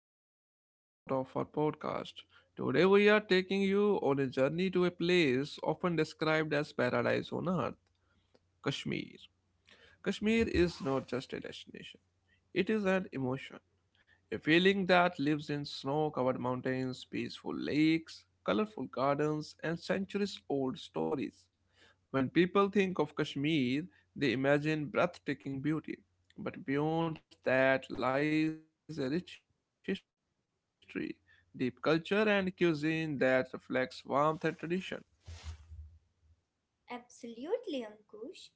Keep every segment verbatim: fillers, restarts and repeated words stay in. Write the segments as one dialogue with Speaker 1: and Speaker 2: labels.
Speaker 1: soulful episode of our podcast. Today we are taking you on a journey to a place often described as paradise on earth, Kashmir. Kashmir is not just a destination, it is an emotion. A feeling that lives in snow covered mountains, peaceful lakes, colorful gardens, and centuries old stories. When people think of Kashmir, they imagine breathtaking beauty. But beyond that lies a rich history, deep culture, and cuisine that reflects warmth and tradition.
Speaker 2: Absolutely, Ankush.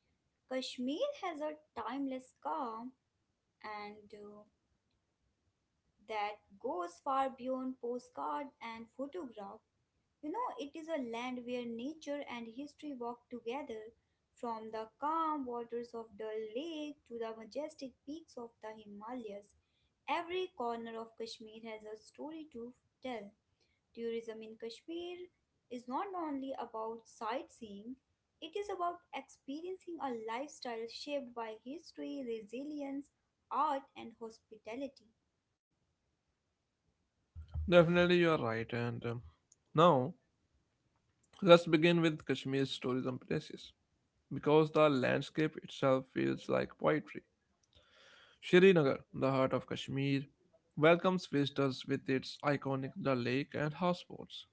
Speaker 2: Kashmir has a timeless calm, and uh, that goes far beyond postcard and photograph. You know, it is a land where nature and history walk together, from the calm waters of Dal Lake to the majestic peaks of the Himalayas. Every corner of Kashmir has a story to tell. Tourism in Kashmir is not only about sightseeing, it is about experiencing a lifestyle shaped by history, resilience, art, and hospitality.
Speaker 1: Definitely, you are right. And um, Now, let's begin with Kashmir's tourism places because the landscape itself feels like poetry. Srinagar, the heart of Kashmir, welcomes visitors with its iconic Dal Lake and houseboats.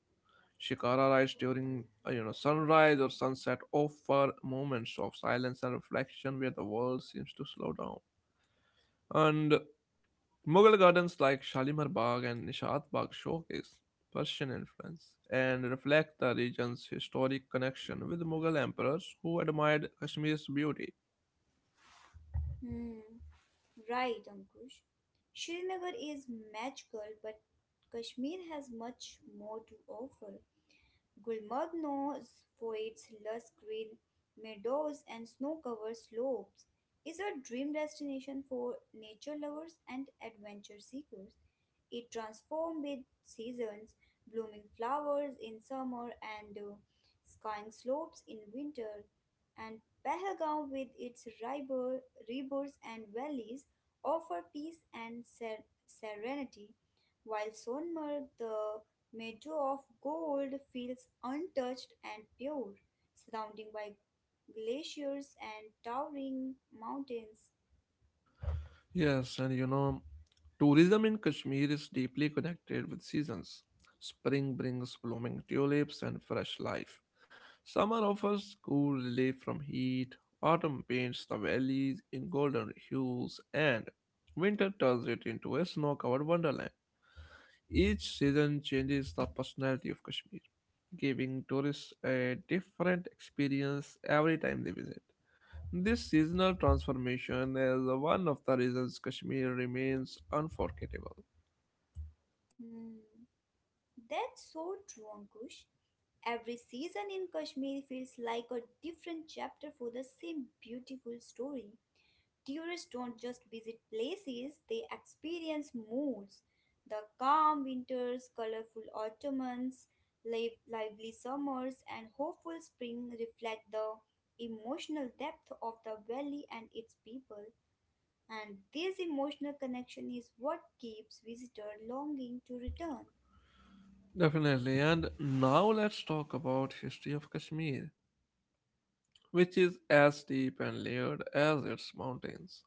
Speaker 1: Shikara rides during uh, you know sunrise or sunset offer moments of silence and reflection where the world seems to slow down. And Mughal gardens like Shalimar Bagh and Nishat Bagh showcase Persian influence and reflect the region's historic connection with Mughal emperors who admired Kashmir's beauty.
Speaker 2: Hmm, right, Ankush. Srinagar is magical, but Kashmir has much more to offer. Gulmoddeno's poets lush green meadows and snow-covered slopes is a dream destination for nature lovers and adventure seekers. It transforms with seasons, blooming flowers in summer and uh, skying slopes in winter, and Pahalgam with its river, rivers and valleys offer peace and ser- serenity, while Sonmarg, the meadow of gold feels untouched and pure, surrounded by glaciers and towering mountains.
Speaker 1: Yes, and you know tourism in Kashmir is deeply connected with seasons. Spring brings blooming tulips and fresh life. Summer offers cool relief from heat. Autumn paints the valleys in golden hues, and winter turns it into a snow covered wonderland. Each season changes the personality of Kashmir, giving tourists a different experience every time they visit. This seasonal transformation is one of the reasons Kashmir remains unforgettable.
Speaker 2: Hmm, that's so true, Ankush. Every season in Kashmir feels like a different chapter for the same beautiful story. Tourists don't just visit places, they experience moods. The calm winters, colorful autumns, live, lively summers, and hopeful spring reflect the emotional depth of the valley and its people. And this emotional connection is what keeps visitors longing to return.
Speaker 1: Definitely. And now let's talk about history of Kashmir, which is as deep and layered as its mountains.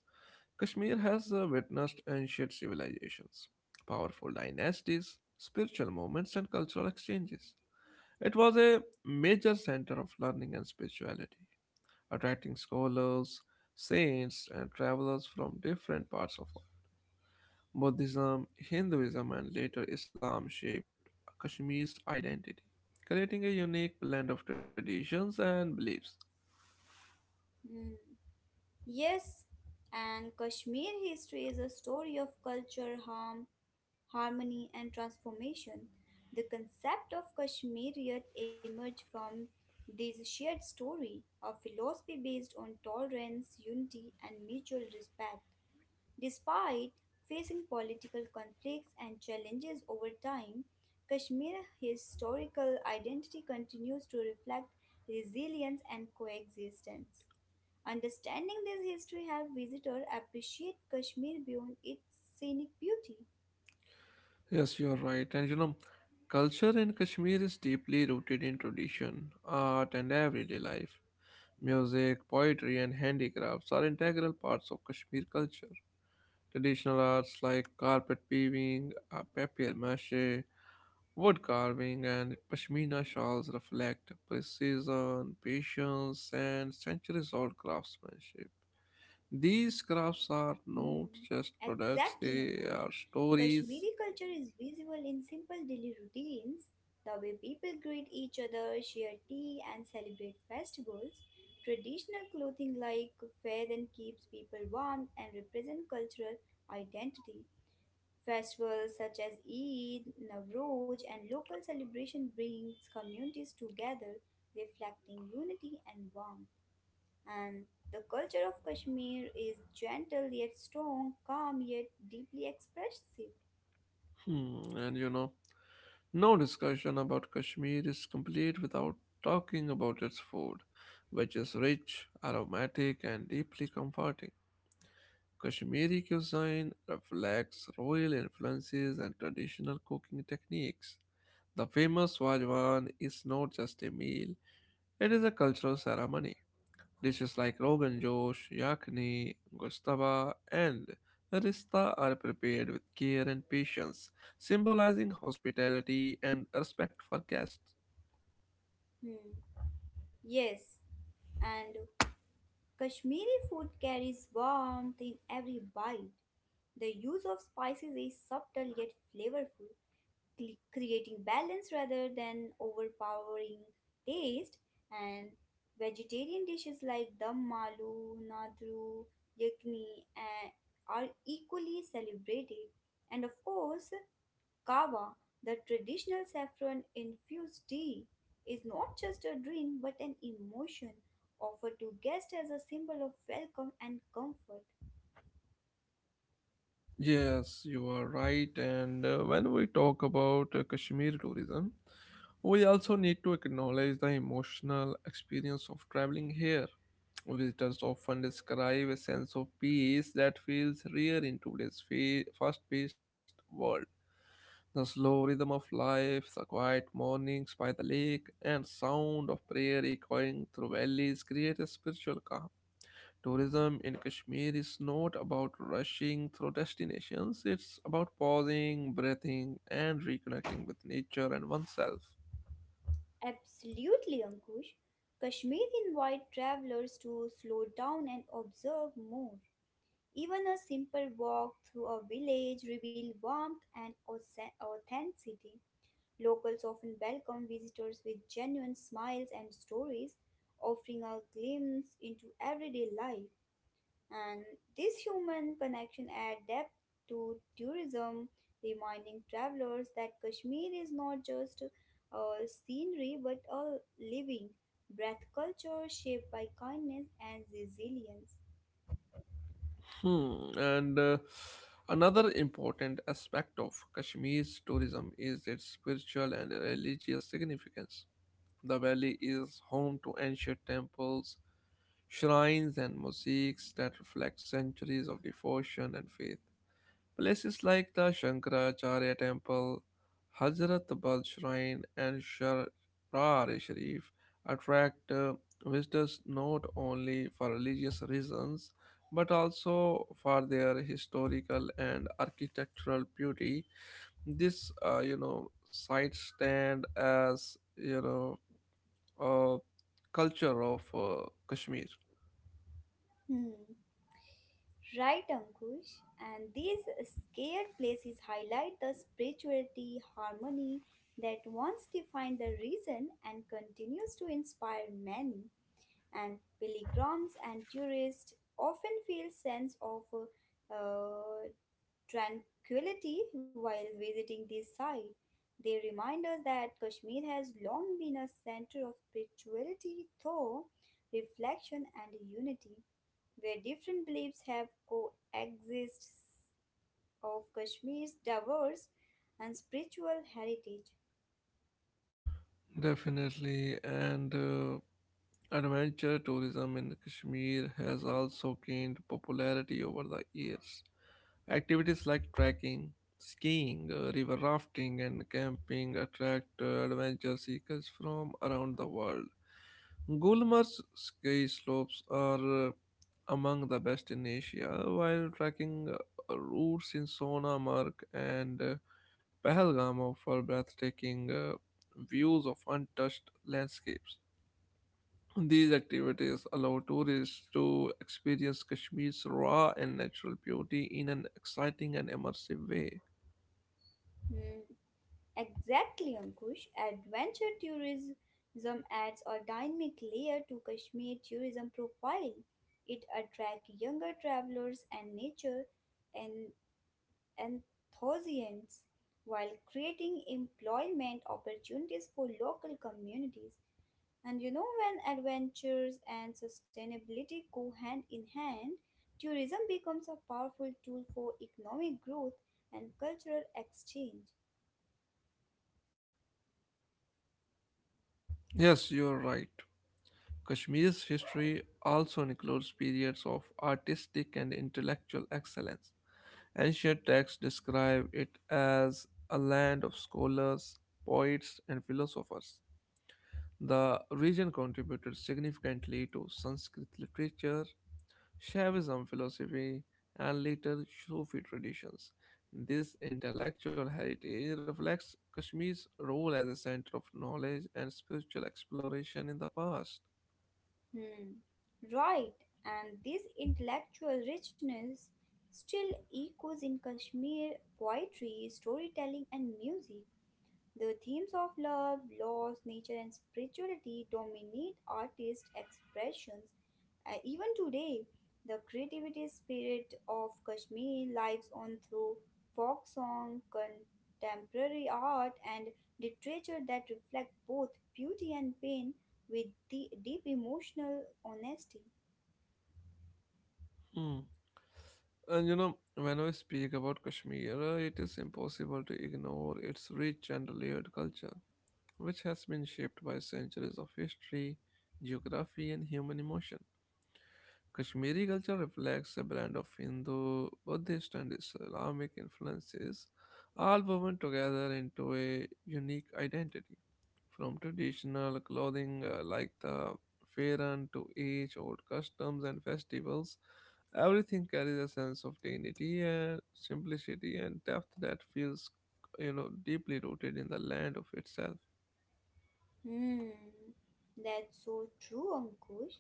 Speaker 1: Kashmir has uh, witnessed ancient civilizations, powerful dynasties, spiritual movements and cultural exchanges. It was a major center of learning and spirituality, attracting scholars, saints and travelers from different parts of the world. Buddhism, Hinduism, and later Islam shaped Kashmir's identity, creating a unique blend of traditions and beliefs.
Speaker 2: Hmm. Yes, and Kashmir history is a story of culture, harm, harmony, and transformation. The concept of Kashmiriyat emerged from this shared story, a philosophy based on tolerance, unity, and mutual respect. Despite facing political conflicts and challenges over time, Kashmir's historical identity continues to reflect resilience and coexistence. Understanding this history helps visitors appreciate Kashmir beyond its scenic beauty.
Speaker 1: Yes, you're right. And you know, culture in Kashmir is deeply rooted in tradition, art, and everyday life. Music, poetry, and handicrafts are integral parts of Kashmir culture. Traditional arts like carpet weaving, uh, papier-mâché, wood carving, and pashmina shawls reflect precision, patience, and centuries-old craftsmanship. These crafts are not
Speaker 2: Hmm,
Speaker 1: just products,
Speaker 2: exactly,
Speaker 1: they
Speaker 2: Ankush.
Speaker 1: are
Speaker 2: Kashmiri
Speaker 1: stories.
Speaker 2: culture is visible in simple daily routines, the way people greet each other, share tea, and celebrate festivals. Traditional clothing like then keeps people warm and represent cultural identity. Festivals such as Eid, Navroz, and local celebration brings communities together, reflecting unity and warmth. And the culture of Kashmir is gentle yet strong, calm yet deeply expressive.
Speaker 1: Hmm, and you know, no discussion about Kashmir is complete without talking about its food, which is rich, aromatic, and deeply comforting. Kashmiri cuisine reflects royal influences and traditional cooking techniques. The famous Wajwan is not just a meal, it is a cultural ceremony. Dishes like Rogan Josh, Yakni, Gustaba, and Rista are prepared with care and patience, symbolizing hospitality and respect for guests.
Speaker 2: Hmm. Yes, and Kashmiri food carries warmth in every bite. The use of spices is subtle yet flavorful, cre- creating balance rather than overpowering taste. And vegetarian dishes like dum malu, nadru, yakni eh, are equally celebrated. And of course, Kava, the traditional saffron infused tea, is not just a drink but an emotion offered to guests as a symbol of welcome and comfort.
Speaker 1: Yes, you are right. And uh, when we talk about uh, Kashmir tourism, we also need to acknowledge the emotional experience of traveling here. Visitors often describe a sense of peace that feels rare in today's fa- fast-paced world. The slow rhythm of life, the quiet mornings by the lake, and sound of prayer echoing through valleys create a spiritual calm. Tourism in Kashmir is not about rushing through destinations, it's about pausing, breathing, and reconnecting with nature and oneself.
Speaker 2: Absolutely, Ankush. Kashmir invite travelers to slow down and observe more. Even a simple walk through a village reveals warmth and auth- authenticity. Locals often welcome visitors with genuine smiles and stories, offering a glimpse into everyday life. And this human connection adds depth to tourism, reminding travelers that Kashmir is not just a scenery but a living, breath culture shaped by kindness and resilience.
Speaker 1: Hmm. And uh, another important aspect of Kashmir's tourism is its spiritual and religious significance. The valley is home to ancient temples, shrines, and mosques that reflect centuries of devotion and faith. Places like the Shankaracharya Temple, Hazrat Bal Shrine, and Sharar Sharif attract uh, visitors not only for religious reasons but also for their historical and architectural beauty. This, uh, you know, sites stand as you know a culture of uh, Kashmir.
Speaker 2: Hmm. Right, Ankush. And these scared places highlight the spirituality, harmony that once defined the region and continues to inspire many. And pilgrims and tourists often feel sense of uh, tranquility while visiting this site. They remind us that Kashmir has long been a center of spirituality, thought, reflection, and unity, where different beliefs have coexist of Kashmir's diverse and spiritual heritage.
Speaker 1: Definitely, and. Uh, adventure tourism in Kashmir has also gained popularity over the years. Activities like trekking, skiing, uh, river rafting, and camping attract uh, adventure seekers from around the world. Gulmarg's ski slopes are uh, among the best in Asia, while trekking uh, routes in Sonamarg and uh, Pahalgam offer breathtaking uh, views of untouched landscapes. These activities allow tourists to experience Kashmir's raw and natural beauty in an exciting and immersive way.
Speaker 2: Hmm, exactly, Ankush. Adventure tourism adds a dynamic layer to Kashmir tourism profile. It attracts younger travelers and nature and enthusiasts while creating employment opportunities for local communities. And you know, when adventures and sustainability go hand in hand, tourism becomes a powerful tool for economic growth and cultural exchange.
Speaker 1: Yes, you're right. Kashmir's history also includes periods of artistic and intellectual excellence. Ancient texts describe it as a land of scholars, poets, and philosophers. The region contributed significantly to Sanskrit literature, Shaivism philosophy, and later Sufi traditions. This intellectual heritage reflects Kashmir's role as a center of knowledge and spiritual exploration in the past.
Speaker 2: Hmm, right, and this intellectual richness still echoes in Kashmir poetry, storytelling, and music. The themes of love, loss, nature, and spirituality dominate artists' expressions, uh, even today, the creativity spirit of Kashmir lives on through folk song, contemporary art, and literature that reflect both beauty and pain with the deep emotional honesty.
Speaker 1: Hmm. And you know, when we speak about Kashmir, uh, it is impossible to ignore its rich and layered culture, which has been shaped by centuries of history, geography, and human emotion. Kashmiri culture reflects a blend of Hindu, Buddhist, and Islamic influences, all woven together into a unique identity. From traditional clothing uh, like the Fairan to age old customs and festivals, everything carries a sense of dignity and simplicity and depth that feels you know deeply rooted in the land of itself.
Speaker 2: Hmm, that's so true, Ankush.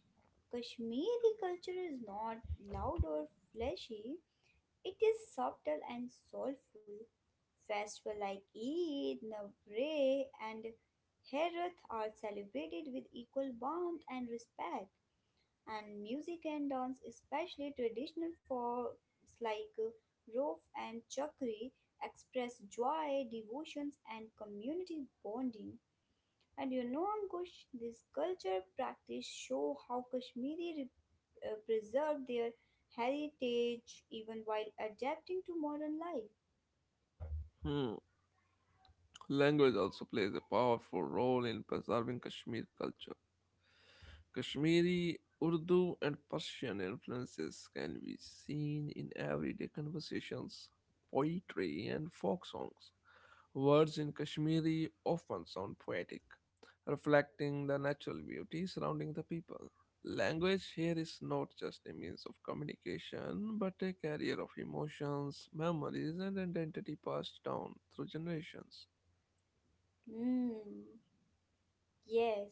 Speaker 2: Kashmiri culture is not loud or flashy, it is subtle and soulful. Festivals like Eid, Navratri, and Herath are celebrated with equal warmth and respect. And music and dance, especially traditional forms like uh, Rof and Chakri, express joy, devotions, and community bonding. And you know, Ankush, this culture practice show how Kashmiri uh, preserved their heritage even while adapting to modern life.
Speaker 1: Hmm. Language also plays a powerful role in preserving Kashmir culture. Kashmiri, Urdu, and Persian influences can be seen in everyday conversations, poetry, and folk songs. Words in Kashmiri often sound poetic, reflecting the natural beauty surrounding the people. Language here is not just a means of communication, but a carrier of emotions, memories, and identity passed down through generations.
Speaker 2: Hmm, yes.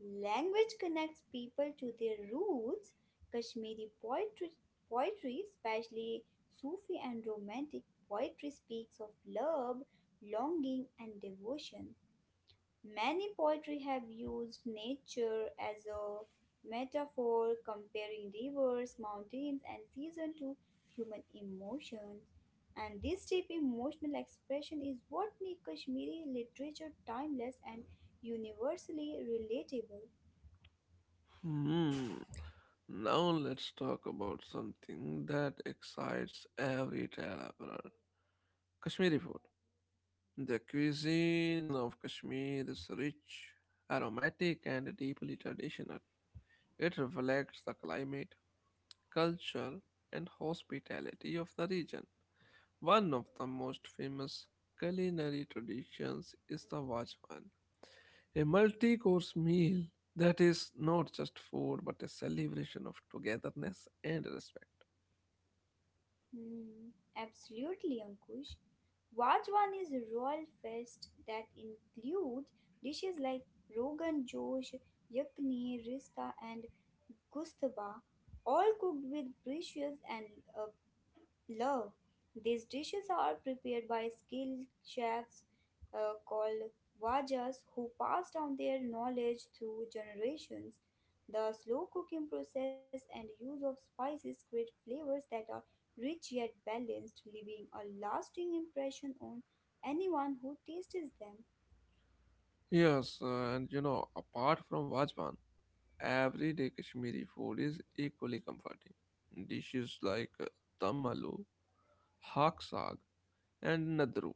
Speaker 2: Language connects people to their roots. Kashmiri poetry, poetry, especially Sufi and Romantic poetry, speaks of love, longing, and devotion. Many poetry have used nature as a metaphor, comparing rivers, mountains, and seasons to human emotions. And this deep emotional expression is what makes Kashmiri literature timeless and universally relatable.
Speaker 1: Hmm. Now let's talk about something that excites every traveler. Kashmiri food. The cuisine of Kashmir is rich, aromatic, and deeply traditional. It reflects the climate, culture, and hospitality of the region. One of the most famous culinary traditions is the Wajwan, a multi course meal that is not just food but a celebration of togetherness and respect.
Speaker 2: Hmm, absolutely, Ankush. Wajwan is a royal feast that includes dishes like rogan josh, yakni, rista, and gustaba, all cooked with precious and uh, love. These dishes are prepared by skilled chefs uh, called wajas who pass down their knowledge through generations. The slow cooking process and use of spices create flavors that are rich yet balanced, leaving a lasting impression on anyone who tastes them.
Speaker 1: Yes, uh, and you know, apart from Vajban, everyday Kashmiri food is equally comforting. Dishes like uh, dum aloo, hak saag, and nadru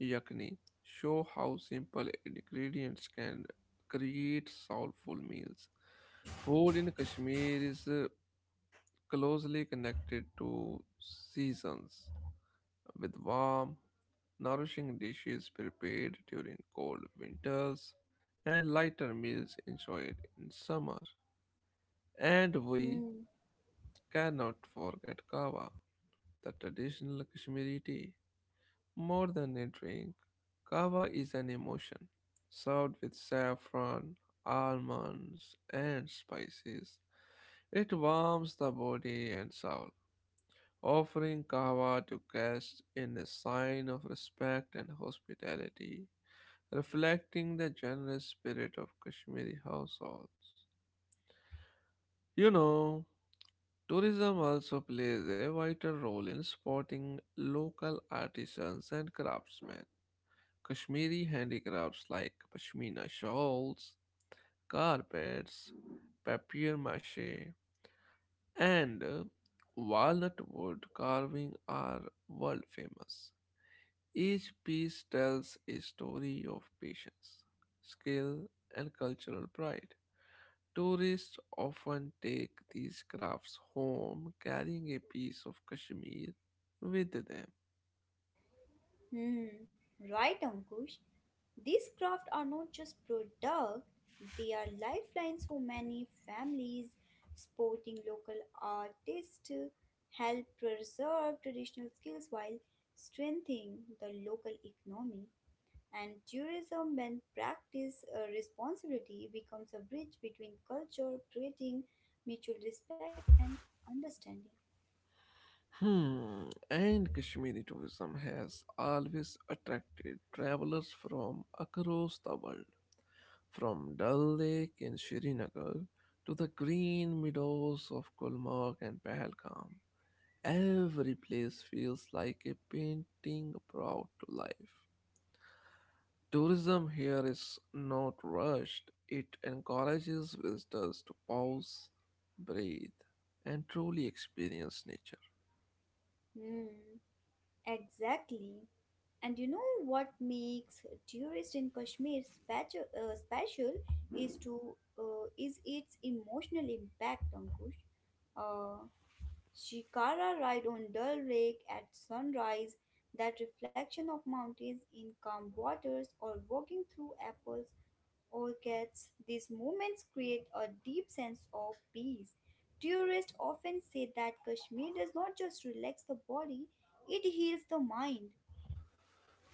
Speaker 1: yakni show how simple ingredients can create soulful meals. Food in Kashmir is uh, closely connected to seasons with warm, nourishing dishes prepared during cold winters and lighter meals enjoyed in summer. And we
Speaker 2: Hmm.
Speaker 1: cannot forget kava, the traditional Kashmiri tea. More than a drink, kava is an emotion served with saffron, almonds, and spices. It warms the body and soul. Offering kava to guests in a sign of respect and hospitality reflecting the generous spirit of Kashmiri households. You know, tourism also plays a vital role in supporting local artisans and craftsmen. Kashmiri handicrafts like pashmina shawls, carpets, papier-mâché, and uh, walnut wood carving are world famous. Each piece tells a story of patience, skill, and cultural pride. Tourists often take these crafts home, carrying a piece of Kashmir with them.
Speaker 2: Hmm, right, Ankush. These crafts are not just products; they are lifelines for many families. Supporting local artists help preserve traditional skills while strengthening the local economy. And tourism, when practiced uh, responsibility, becomes a bridge between culture, creating mutual respect and understanding.
Speaker 1: Hmm, and Kashmiri tourism has always attracted travelers from across the world, from Dal Lake in Srinagar to the green meadows of Gulmarg and Pahalgam. Every place feels like a painting brought to life. Tourism here is not rushed. It encourages visitors to pause, breathe, and truly experience nature.
Speaker 2: Hmm, exactly. And you know what makes tourist in Kashmir special, uh, special is to uh, is its emotional impact, Ankush. Uh, Shikara ride on Dal Lake at sunrise, that reflection of mountains in calm waters, or walking through apples orchards, these moments create a deep sense of peace. Tourists often say that Kashmir does not just relax the body; it heals the mind.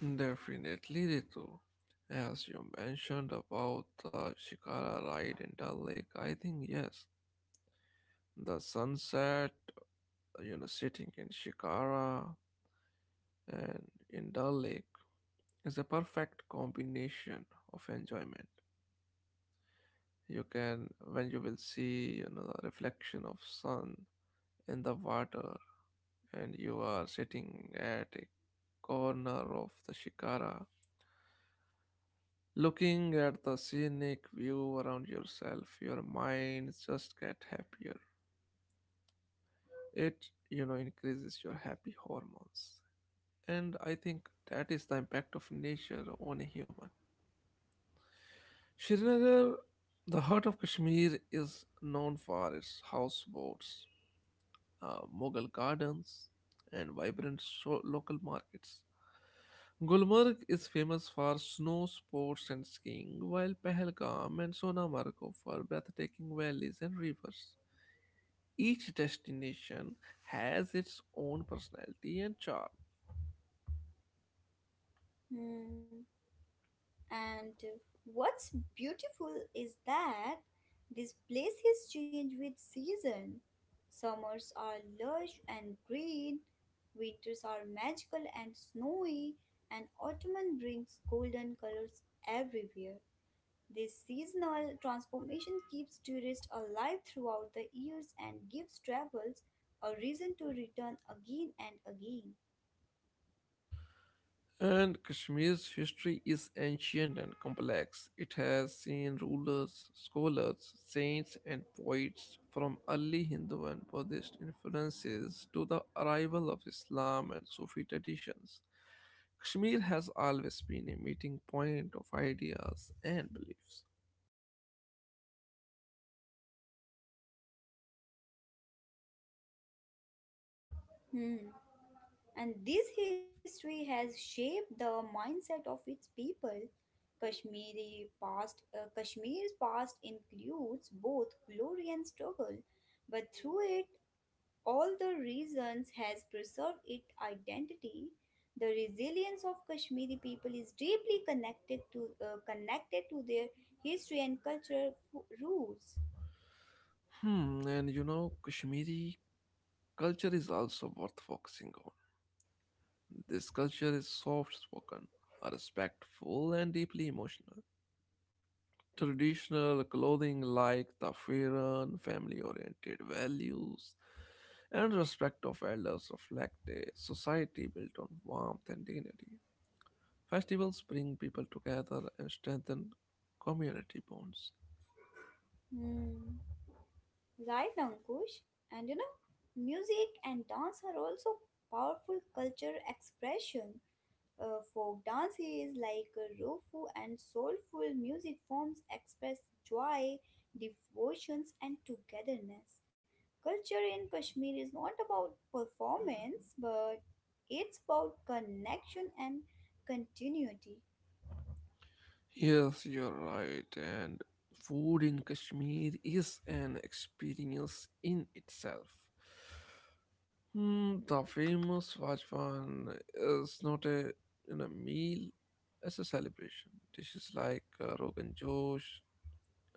Speaker 1: Definitely, Ritu. As you mentioned about the Shikara ride in Dal Lake, I think yes. The sunset, you know, sitting in Shikara and in Dal Lake is a perfect combination of enjoyment. You can, when you will see, you know, the reflection of sun in the water and you are sitting at a corner of the shikara looking at the scenic view around yourself, your mind just gets happier. It you know increases your happy hormones, and I think that is the impact of nature on a human. Srinagar, the heart of Kashmir, is known for its houseboats, uh, Mughal gardens, and vibrant so- local markets. Gulmarg is famous for snow sports and skiing, while Pahalgam and Sonamarg offer breathtaking valleys and rivers. Each destination has its own personality and charm.
Speaker 2: Hmm. And uh, what's beautiful is that these places change with season. Summers are lush and green, winters are magical and snowy, and autumn brings golden colors everywhere. This seasonal transformation keeps tourists alive throughout the years and gives travels a reason to return again and again.
Speaker 1: And Kashmir's history is ancient and complex. It has seen rulers, scholars, saints, and poets from early Hindu and Buddhist influences to the arrival of Islam and Sufi traditions. Kashmir has always been a meeting point of ideas and beliefs.
Speaker 2: Hmm. And this history has shaped the mindset of its people. Kashmiri past, uh, Kashmir's past includes both glory and struggle, but through it, all the reasons has preserved its identity. The resilience of Kashmiri people is deeply connected to uh, connected to their history and cultural roots.
Speaker 1: Hmm, and you know, Kashmiri culture is also worth focusing on. This culture is soft spoken, respectful, and deeply emotional. Traditional clothing like tafiran, family oriented values, and respect of elders reflect a society built on warmth and dignity. Festivals bring people together and strengthen community bonds.
Speaker 2: Hmm. Right, Ankush. And you know, music and dance are also powerful culture expression. Uh, folk dances like uh, Rufu and soulful music forms express joy, devotions, and togetherness. Culture in Kashmir is not about performance, but it's about connection and continuity.
Speaker 1: Yes, you're right. And food in Kashmir is an experience in itself. Hmm, the famous Vajwan is not a you know, meal, it's a celebration. Dishes like uh, Rogan Josh,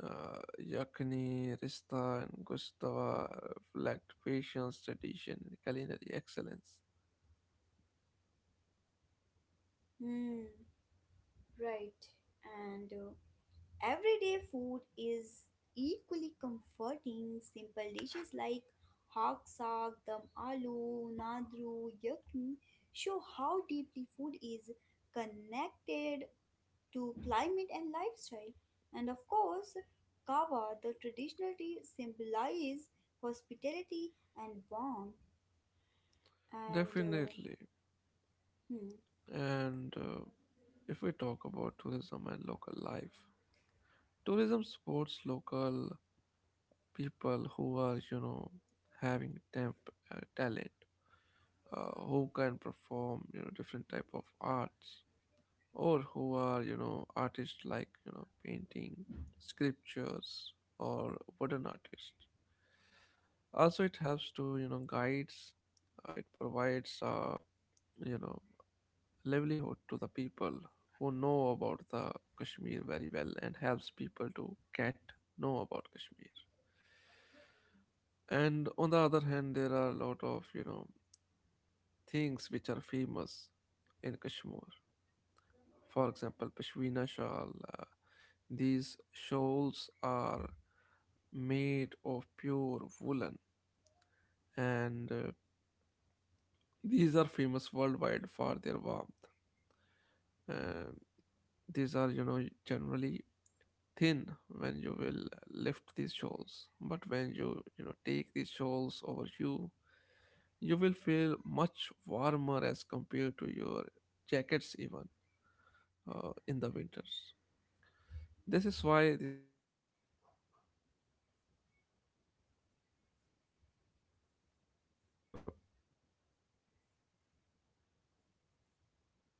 Speaker 1: uh, Yakni, Rista, and Gustava reflect patience, tradition, and culinary excellence.
Speaker 2: Hmm, right. And uh, Everyday food is equally comforting. Simple dishes like hog saag, dum aloo, nadru, yakni show how deeply food is connected to climate and lifestyle. And of course, kava, the traditional tea, symbolizes hospitality and warmth. And uh,
Speaker 1: Definitely.
Speaker 2: hmm,
Speaker 1: And uh, If we talk about tourism and local life, tourism supports local people who are you know having temp uh, talent, uh, who can perform you know different type of arts, or who are you know artists, like you know painting, sculptures, or wooden artists. Also it helps to, you know guides, uh, it provides, uh, you know livelihood to the people who know about the Kashmir very well and helps people to get know about Kashmir. And on the other hand, there are a lot of you know things which are famous in Kashmir, for example pashmina shawl. uh, these shawls are made of pure woolen, and uh, these are famous worldwide for their warmth. Uh, these are you know generally thin when you will lift these shawls, but when you you know take these shawls over you, you will feel much warmer as compared to your jackets, even uh, in the winters. This is why these shows are famous and they are demanded in every part of world. Other than this, Kashmir is also fo- uh, famous for its carpets.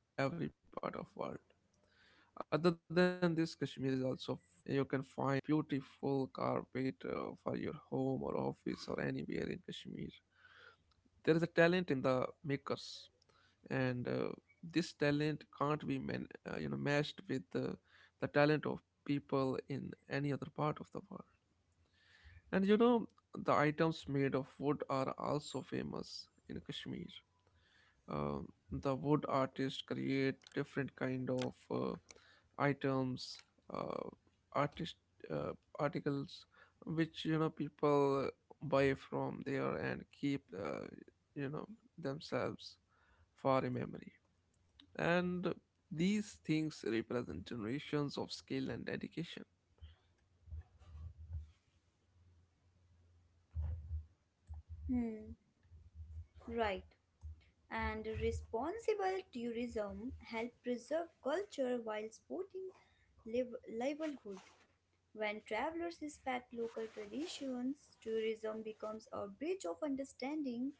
Speaker 1: You can find a beautiful carpet uh, for your home or office or anywhere in Kashmir. There is a talent in the makers, and uh, this talent can't be man- uh, you know matched with the, the talent of people in any other part of the world. And you know the items made of wood are also famous in Kashmir. Um the wood artists create different kind of uh, items, uh, artist uh, articles which you know people buy from there and keep, uh, you know themselves, for a memory, and these things represent generations of skill and dedication.
Speaker 2: Hmm, right. And responsible tourism help preserve culture while supporting liv- livelihood when travelers respect local traditions, tourism becomes a bridge of understanding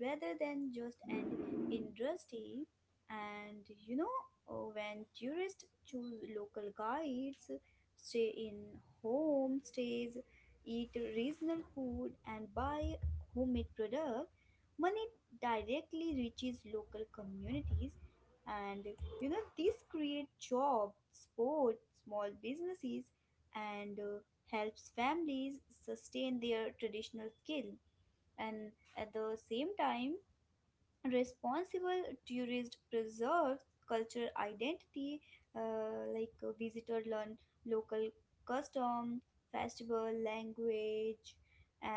Speaker 2: rather than just an industry. And you know, uh, when tourists choose local guides, stay in homestays, eat regional food, and buy homemade products, money directly reaches local communities, and you know this create jobs sports small businesses, and uh, helps families sustain their traditional skill, and at the same time responsible tourist preserves cultural identity, uh, like uh, visitor learn local custom festival language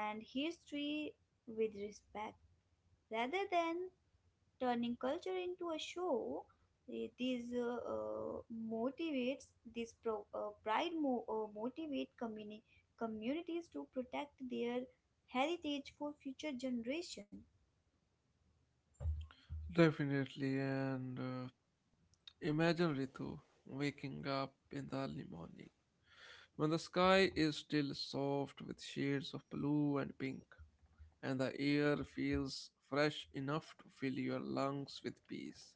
Speaker 2: and history with respect rather than turning culture into a show. Eh, These uh, uh, motivates this pro, uh, pride mo- uh, motivate communi- communities to protect their heritage for future generation.
Speaker 1: Definitely, and uh, Imagine Ritu waking up in the early morning when the sky is still soft with shades of blue and pink, and the air feels fresh enough to fill your lungs with peace.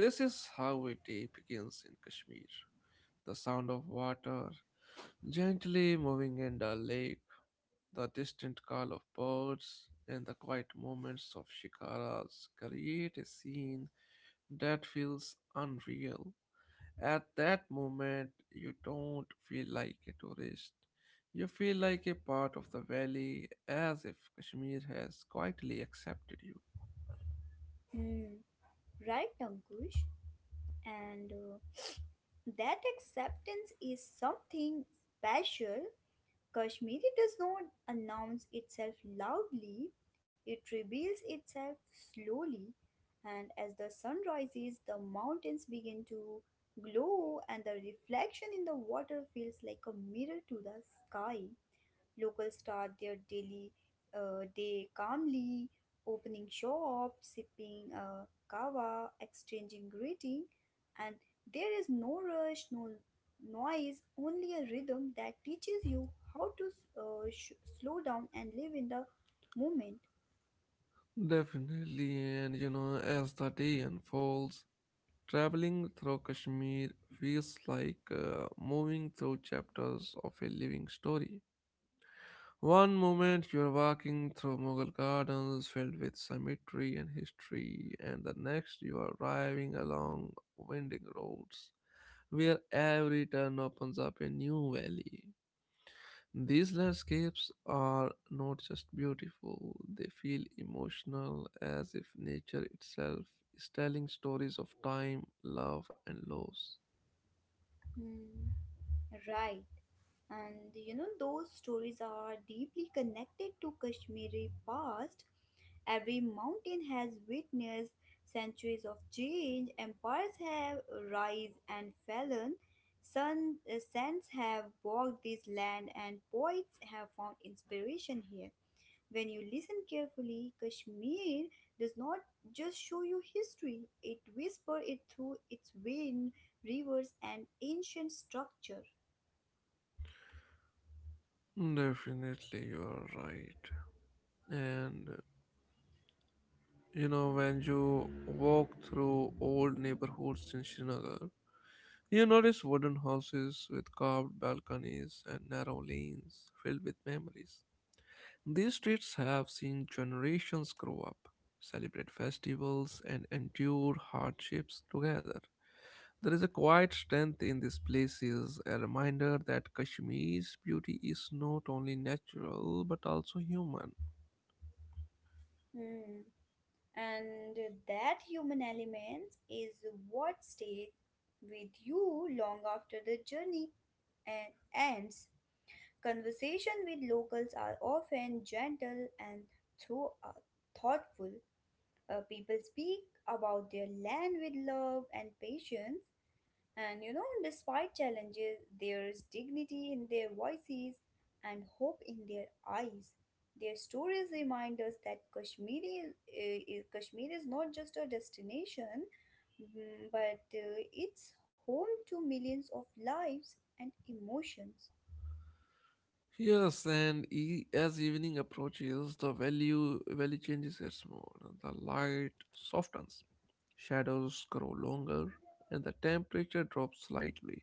Speaker 1: This is how a day begins in Kashmir. The sound of water gently moving in the lake, the distant call of birds, and the quiet moments of shikaras create a scene that feels unreal. At that moment, you don't feel like a tourist. You feel like a part of the valley, as if Kashmir has quietly accepted you.
Speaker 2: Hmm, right, Ankush. And uh, that acceptance is something special. Kashmiri does not announce itself loudly, it reveals itself slowly, and as the sun rises, the mountains begin to glow, and the reflection in the water feels like a mirror to the sky. Locals start their daily uh, day calmly, opening shop, sipping uh, kava, exchanging greeting, and there is no rush, no noise, only a rhythm that teaches you how to uh, sh- slow down and live in the moment.
Speaker 1: Definitely, and you know, as the day unfolds, traveling through Kashmir feels like uh, moving through chapters of a living story. One moment you're walking through Mughal gardens filled with symmetry and history, and the next you are driving along winding roads where every turn opens up a new valley. These landscapes are not just beautiful, they feel emotional, as if nature itself is telling stories of time, love, and loss.
Speaker 2: Hmm, right. And you know, those stories are deeply connected to Kashmiri past. Every mountain has witnessed centuries of change. Empires have rise and fallen. Sun, uh, suns have walked this land, and poets have found inspiration here. When you listen carefully, Kashmir does not just show you history, it whispers it through its wind, rivers, and ancient structure.
Speaker 1: Definitely, you are right. And uh, You know, when you walk through old neighborhoods in Srinagar, you notice wooden houses with carved balconies and narrow lanes filled with memories. These streets have seen generations grow up, celebrate festivals, and endure hardships together. There is a quiet strength in these places, a reminder that Kashmir's beauty is not only natural but also human.
Speaker 2: Hmm. And that human element is what stays with you long after the journey and ends. Conversation with locals are often gentle and through, uh, thoughtful. Uh, people speak about their land with love and patience, and you know, despite challenges, there's dignity in their voices and hope in their eyes. Their stories remind us that Kashmir is, uh, is- Kashmir is not just a destination, mm, but uh, it's home to millions of lives and emotions.
Speaker 1: Yes, and e- as evening approaches, the value valley changes its mode. The light softens, shadows grow longer, and the temperature drops slightly.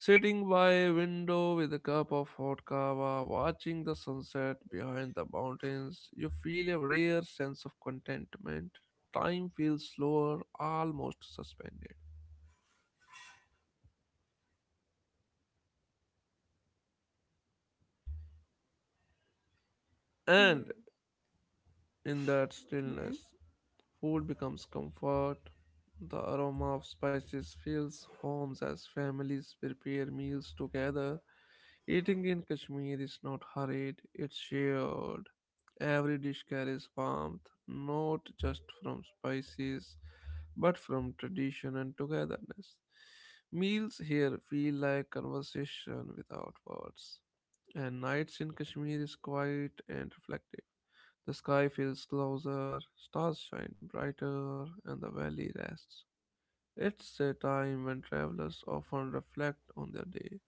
Speaker 1: Sitting by a window with a cup of hot kava, watching the sunset behind the mountains, you feel a rare sense of contentment. Time feels slower, almost suspended.
Speaker 2: Hmm,
Speaker 1: And in that
Speaker 2: hmm,
Speaker 1: stillness, food becomes comfort. The aroma of spices fills homes as families prepare meals together. Eating in Kashmir is not hurried, it's shared. Every dish carries warmth, not just from spices, but from tradition and togetherness. Meals here feel like conversation without words, and nights in Kashmir is quiet and reflective. The sky feels closer, stars shine brighter, and the valley rests. It's a time when travelers often reflect on their day,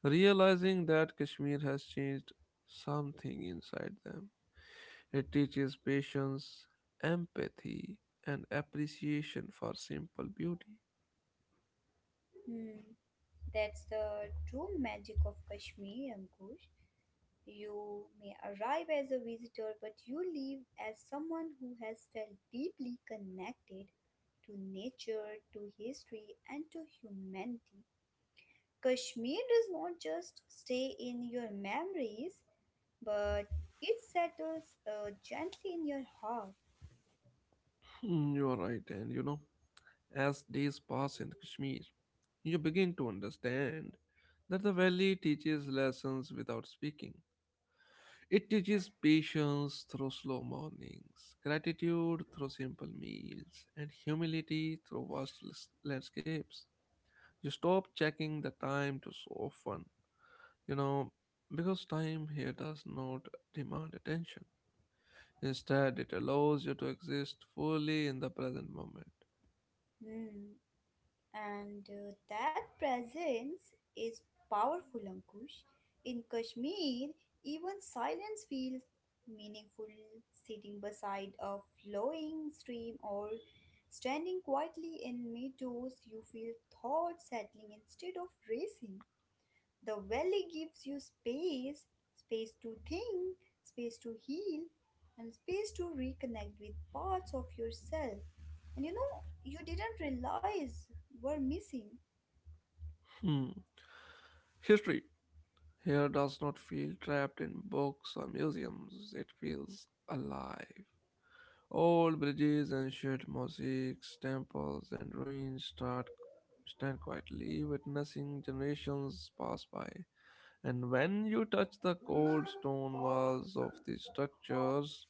Speaker 1: realizing that Kashmir has changed something inside them. It teaches patience, empathy, and appreciation for simple beauty.
Speaker 2: hmm. That's the true magic of Kashmir, Ankush. You may arrive as a visitor, but you leave as someone who has felt deeply connected to nature, to history, and to humanity. Kashmir does not just stay in your memories, but it settles uh, gently in your heart.
Speaker 1: Hmm, you're right, and you know, as days pass in Kashmir, you begin to understand that the valley teaches lessons without speaking. It teaches patience through slow mornings, gratitude through simple meals, and humility through vast las- landscapes. You stop checking the time to so often, you know, because time here does not demand attention. Instead, it allows you to exist fully in the present moment.
Speaker 2: Hmm. And uh, that presence is powerful, Ankush. In Kashmir, even silence feels meaningful. Sitting beside a flowing stream or standing quietly in meadows, you feel thoughts settling instead of racing. The valley gives you space, space to think, space to heal, and space to reconnect with parts of yourself. And you know, you didn't realize were missing.
Speaker 1: Hmm. History here does not feel trapped in books or museums, it feels alive. Old bridges, ancient mosaics, temples, and ruins start stand quietly, witnessing generations pass by. And when you touch the cold stone walls of the structures,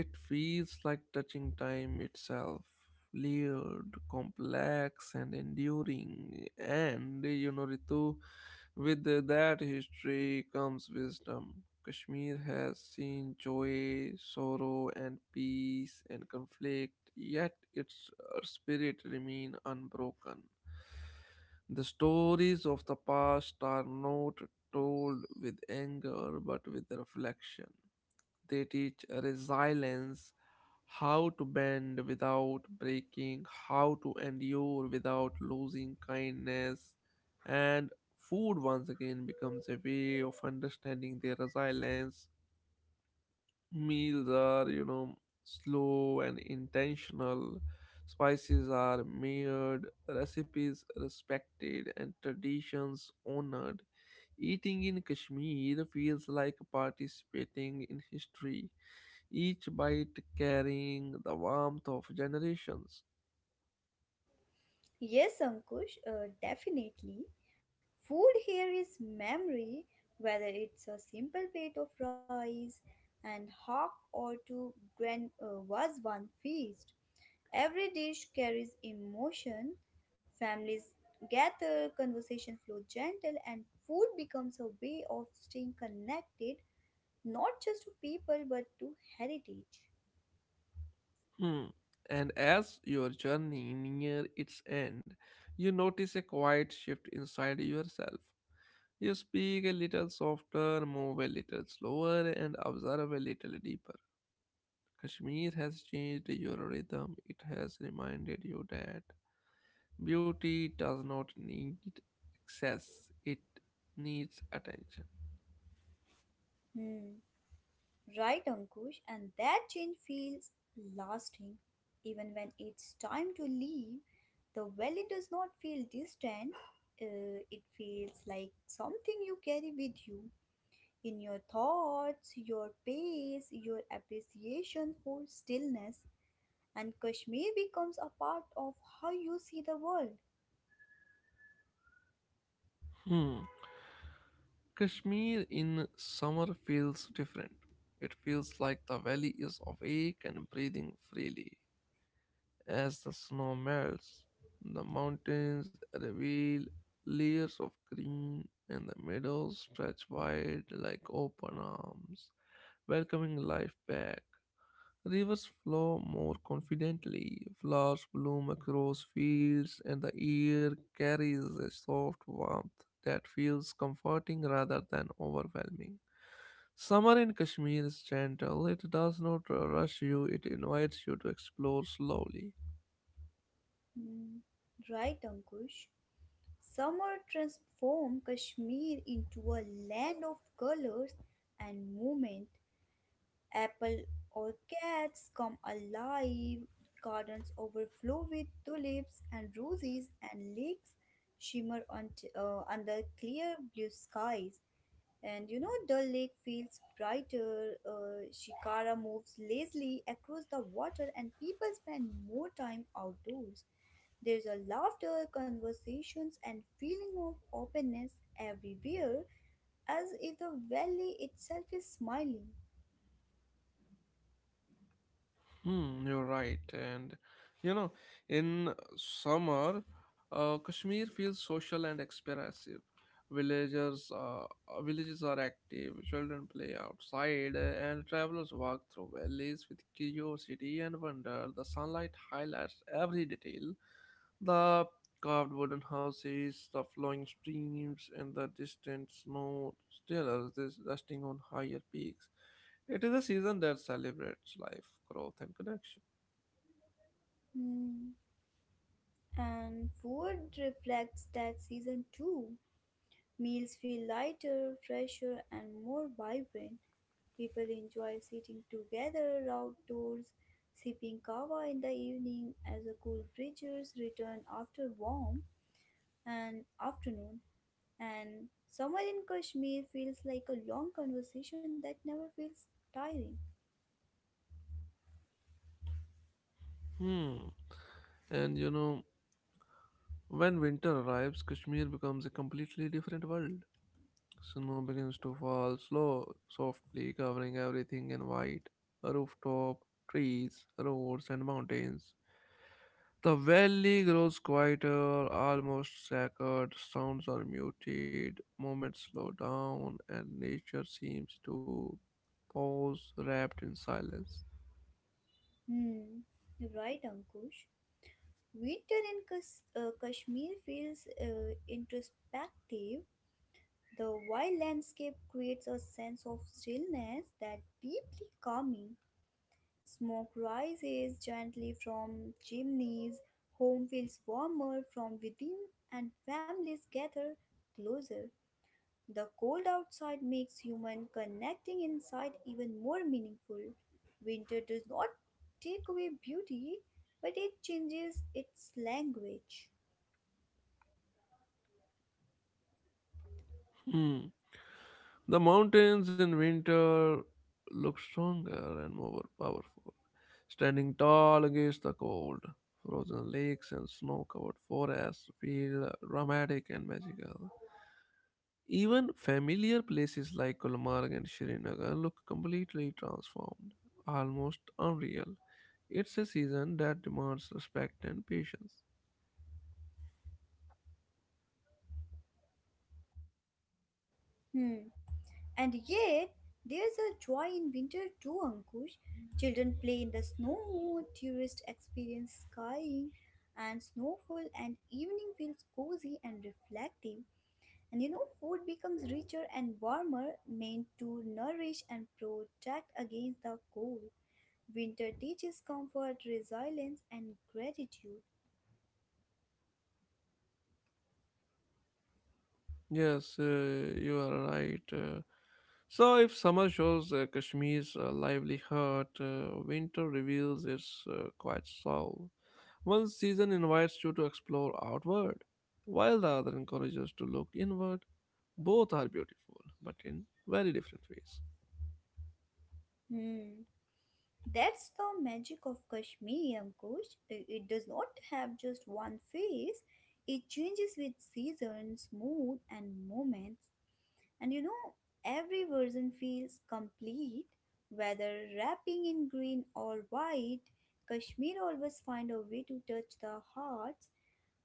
Speaker 1: it feels like touching time itself, layered, complex, and enduring. And you know, Ritu, with that history comes wisdom. Kashmir has seen joy, sorrow, and peace and conflict, yet its uh, spirit remains unbroken. The stories of the past are not told with anger but with reflection. They teach resilience, how to bend without breaking, how to endure without losing kindness. And food once again becomes a way of understanding their resilience. Meals are, you know slow and intentional, spices are mirrored, recipes respected, and traditions honored. Eating in Kashmir feels like participating in history, each bite carrying the warmth of generations.
Speaker 2: Yes, Ankush, uh, definitely. Food here is memory, whether it's a simple plate of rice and hawk or to grand uh, was one feast. Every dish carries emotion. Families gather, conversation flow gentle, and food becomes a way of staying connected not just to people but to heritage.
Speaker 1: Hmm. And as your journey near its end, you notice a quiet shift inside yourself. You speak a little softer, move a little slower, and observe a little deeper. Kashmir has changed your rhythm. It has reminded you that beauty does not need excess, it needs attention.
Speaker 2: Hmm, right, Ankush, and that change feels lasting. Even when it's time to leave, the valley does not feel distant, uh, it feels like something you carry with you, in your thoughts, your pace, your appreciation for stillness, and Kashmir becomes a part of how you see the world.
Speaker 1: Hmm. Kashmir in summer feels different. It feels like the valley is awake and breathing freely. As the snow melts, the mountains reveal layers of green, and the meadows stretch wide like open arms, welcoming life back. Rivers flow more confidently, flowers bloom across fields, and the air carries a soft warmth that feels comforting rather than overwhelming. Summer in Kashmir is gentle, it does not rush you, it invites you to explore slowly.
Speaker 2: Hmm. Right, Ankush? Summer transformed Kashmir into a land of colors and movement. Apple orchards come alive, gardens overflow with tulips and roses, and lakes shimmer on t- uh, under clear blue skies. And you know, Dull Lake feels brighter. Uh, Shikara moves lazily across the water, and people spend more time outdoors. There's a laughter, conversations, and feeling of openness everywhere, as if the valley itself is smiling.
Speaker 1: Hmm, you're right. And you know, in summer, uh, Kashmir feels social and expressive. Villagers, uh, Villages are active, children play outside, and travelers walk through valleys with curiosity and wonder. The sunlight highlights every detail. The carved wooden houses, the flowing streams, and the distant snow stillers is resting on higher peaks. It is a season that celebrates life, growth, and connection.
Speaker 2: Hmm. And food reflects that season too. Meals feel lighter, fresher, and more vibrant. People enjoy sitting together outdoors, sipping kava in the evening as the cool breezes return after warm and afternoon. And summer in Kashmir feels like a long conversation that never feels tiring.
Speaker 1: Hmm. And you know, when winter arrives, Kashmir becomes a completely different world. Snow begins to fall slow, softly covering everything in white, a rooftop, trees, roads, and mountains. The valley grows quieter, almost sacred, sounds are muted, movements slow down, and nature seems to pause, wrapped in silence.
Speaker 2: Hmm, right, Ankush. Winter in Kas- uh, Kashmir feels uh, introspective. The wild landscape creates a sense of stillness that deeply calming. Smoke rises gently from chimneys, home feels warmer from within, and families gather closer. The cold outside makes human connecting inside even more meaningful. Winter does not take away beauty, but it changes its language.
Speaker 1: Hmm. The mountains in winter look stronger and more powerful, standing tall against the cold. Frozen lakes and snow covered forests feel dramatic and magical. Even familiar places like Gulmarg and Srinagar look completely transformed, almost unreal. It's a season that demands respect and patience.
Speaker 2: Hmm. And yet, there's a joy in winter too, Ankush. Children play in the snow, tourists experience skiing and snowfall, and evening feels cozy and reflective. And you know, food becomes richer and warmer, meant to nourish and protect against the cold. Winter teaches comfort, resilience, and gratitude.
Speaker 1: Yes, uh, you are right. Uh, so, if summer shows uh, Kashmir's uh, lively heart, uh, winter reveals its uh, quiet soul. One season invites you to explore outward, while the other encourages to look inward. Both are beautiful, but in very different ways.
Speaker 2: Hmm. That's the magic of Kashmiri Ankush. I- It does not have just one face. It changes with seasons, mood, and moments. And you know, every version feels complete, whether wrapping in green or white. Kashmir always find a way to touch the hearts,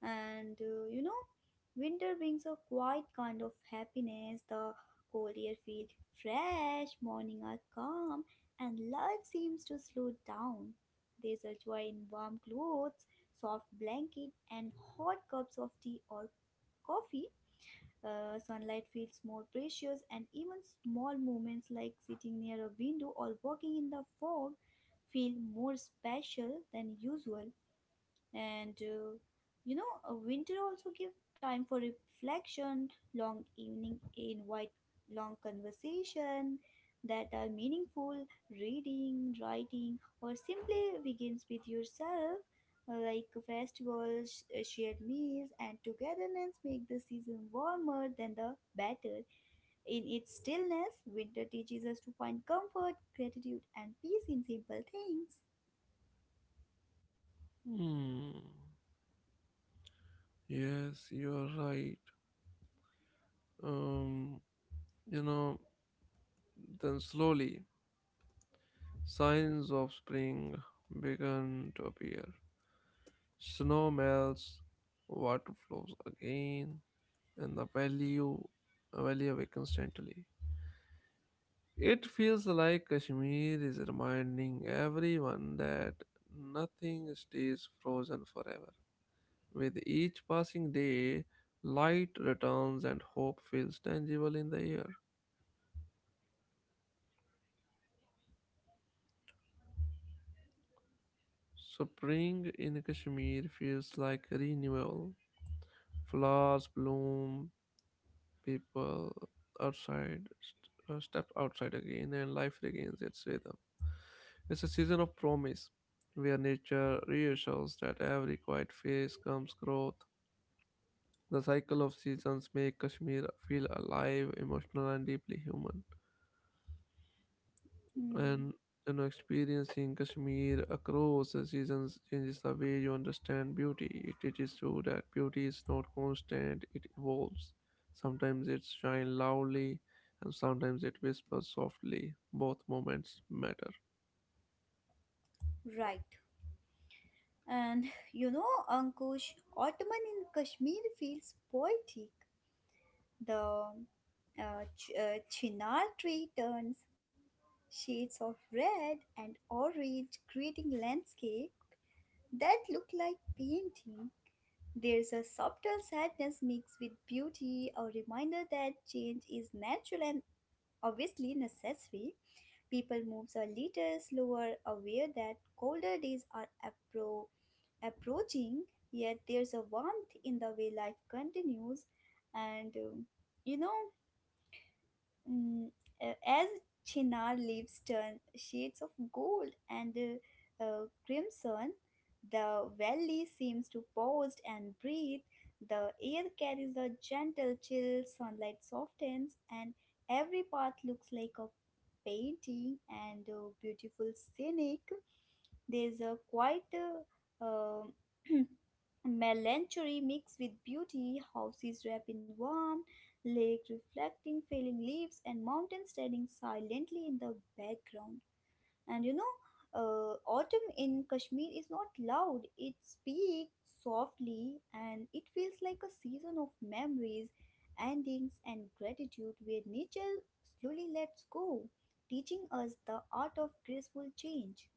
Speaker 2: and uh, you know, winter brings a quiet kind of happiness. The cold air feels fresh, mornings are calm, and life seems to slow down. There's a joy in warm clothes, soft blanket, and hot cups of tea or coffee. Uh, sunlight feels more precious, and even small moments like sitting near a window or walking in the fog feel more special than usual. And uh, you know uh, winter also give time for reflection. Long evening invite long conversation that are meaningful, reading, writing, or simply begins with yourself. Uh, like festivals, uh, shared meals, and togetherness make the season warmer than the better. In its stillness, winter teaches us to find comfort, gratitude, and peace in simple things.
Speaker 1: Hmm. Yes, you are right. Um, you know, then slowly signs of spring begin to appear. Snow melts, water flows again, and the valley, valley awakens gently. It feels like Kashmir is reminding everyone that nothing stays frozen forever. With each passing day, light returns and hope feels tangible in the air. Spring in Kashmir feels like renewal. Flowers bloom, people outside st- uh, step outside again, and life regains its rhythm. It's a season of promise where nature reassures that every quiet phase comes growth. The cycle of seasons make Kashmir feel alive, emotional, and deeply human.
Speaker 2: Hmm.
Speaker 1: And you know, experiencing Kashmir across the seasons changes the way you understand beauty. It teaches you that beauty is not constant, it evolves. Sometimes it shines loudly and sometimes it whispers softly. Both moments matter.
Speaker 2: Right. And you know, Ankush, Ottoman in Kashmir feels poetic. The uh, ch- uh, chinar tree turns shades of red and orange, creating landscape that look like painting. There's a subtle sadness mixed with beauty, a reminder that change is natural and obviously necessary. People moves a little slower, aware that colder days are appro- approaching, yet there's a warmth in the way life continues. And um, you know, mm, uh, as Chinar leaves turn shades of gold and uh, uh, crimson, the valley seems to pause and breathe. The air carries a gentle chill, sunlight softens, and every path looks like a painting and uh, beautiful scenic. There's a quite uh, um, melancholy mixed with beauty, houses wrapped in warm, lake reflecting falling leaves, and mountains standing silently in the background. And you know, uh, autumn in Kashmir is not loud, it speaks softly, and it feels like a season of memories, endings, and gratitude, where nature slowly lets go, teaching us the art of graceful change.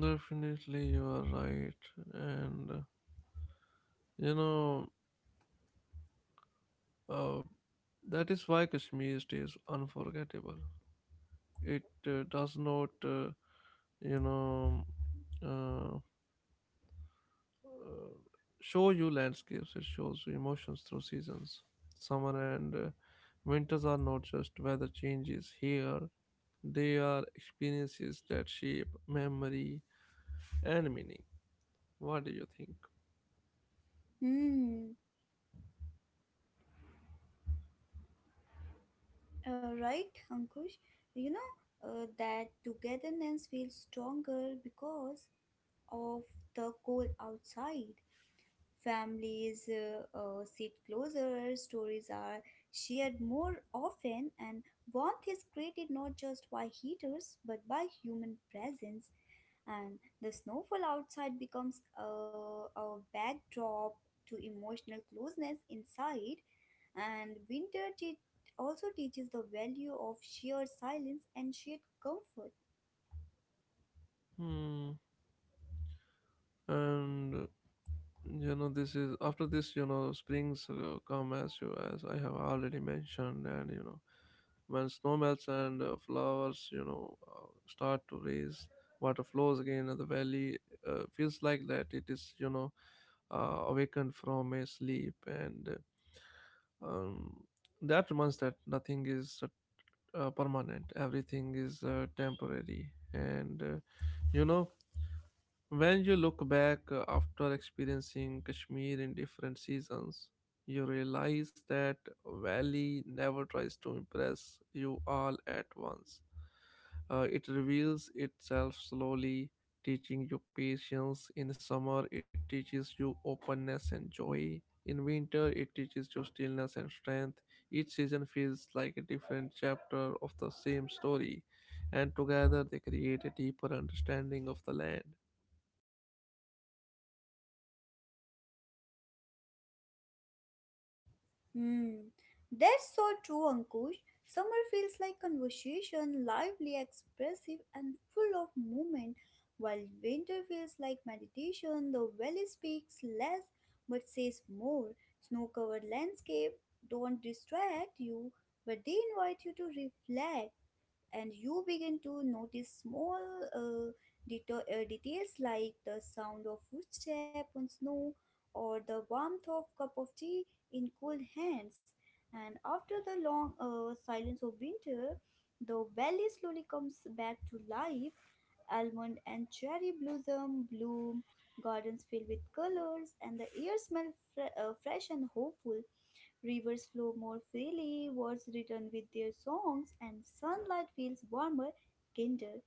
Speaker 1: Definitely, you are right, and uh, you know uh, that is why Kashmir stays unforgettable. It uh, does not, uh, you know uh, show you landscapes, it shows you emotions through seasons. Summer and uh, winters are not just weather changes here, they are experiences that shape memory and meaning. What do you think?
Speaker 2: Hmm. Uh, right, Ankush. You know, uh, that togetherness feels stronger because of the cold outside. Families uh, uh, sit closer, stories are shared more often, and warmth is created not just by heaters but by human presence. And the snowfall outside becomes a, a backdrop to emotional closeness inside. And winter te- also teaches the value of sheer silence and shared comfort.
Speaker 1: Hmm. And you know, this is, after this, you know, springs uh, come, as you, as I have already mentioned. And you know, when snow melts and uh, flowers, you know uh, start to raise, water flows again, and the valley uh, feels like that it is, you know uh, awakened from a sleep. And um, that reminds that nothing is uh, permanent, everything is uh, temporary. And uh, you know, when you look back uh, after experiencing Kashmir in different seasons, you realize that valley never tries to impress you all at once. Uh, it reveals itself slowly, teaching you patience. In summer, it teaches you openness and joy. In winter, it teaches you stillness and strength. Each season feels like a different chapter of the same story, and together they create a deeper understanding of the land.
Speaker 2: Hmm, that's so true, Ankush. Summer feels like conversation, lively, expressive, and full of movement, while winter feels like meditation. The valley speaks less but says more. Snow covered landscape don't distract you, but they invite you to reflect, and you begin to notice small uh, deta- uh, details like the sound of footstep on snow or the warmth of cup of tea in cold hands. And after the long uh, silence of winter, the valley slowly comes back to life. Almond and cherry blossom bloom, gardens filled with colors, and the air smells fre- uh, fresh and hopeful. Rivers flow more freely, words return with their songs, and sunlight feels warmer, kinder.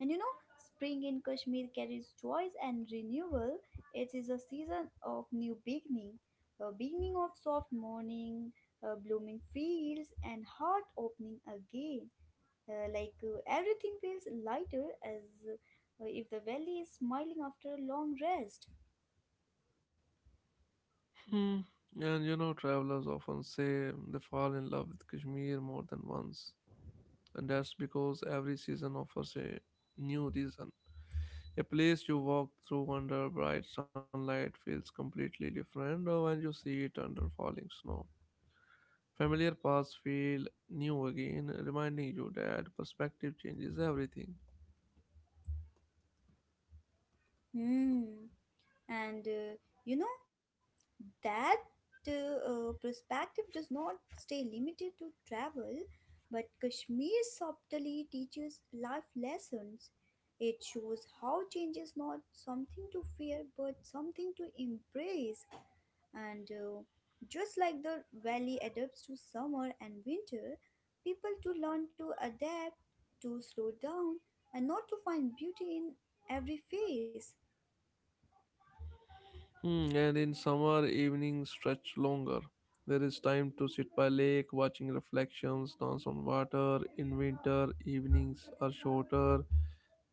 Speaker 2: And you know, spring in Kashmir carries joys and renewal. It is a season of new beginning, a beginning of soft morning, uh, blooming fields, and heart opening again. Uh, like, uh, everything feels lighter as uh, if the valley is smiling after a long rest.
Speaker 1: Hmm. And you know, travelers often say they fall in love with Kashmir more than once, and that's because every season offers a new reason. A place you walk through under bright sunlight feels completely different uh, when you see it under falling snow. Familiar paths feel new again, reminding you that perspective changes everything.
Speaker 2: Hmm. and uh, you know, that uh, uh, perspective does not stay limited to travel, but Kashmir subtly teaches life lessons. It shows how change is not something to fear but something to embrace. And uh, just like the valley adapts to summer and winter, people to learn to adapt, to slow down, and not to find beauty in every phase.
Speaker 1: Hmm, and in summer, evenings stretch longer. There is time to sit by lake, watching reflections dance on water. In winter, evenings are shorter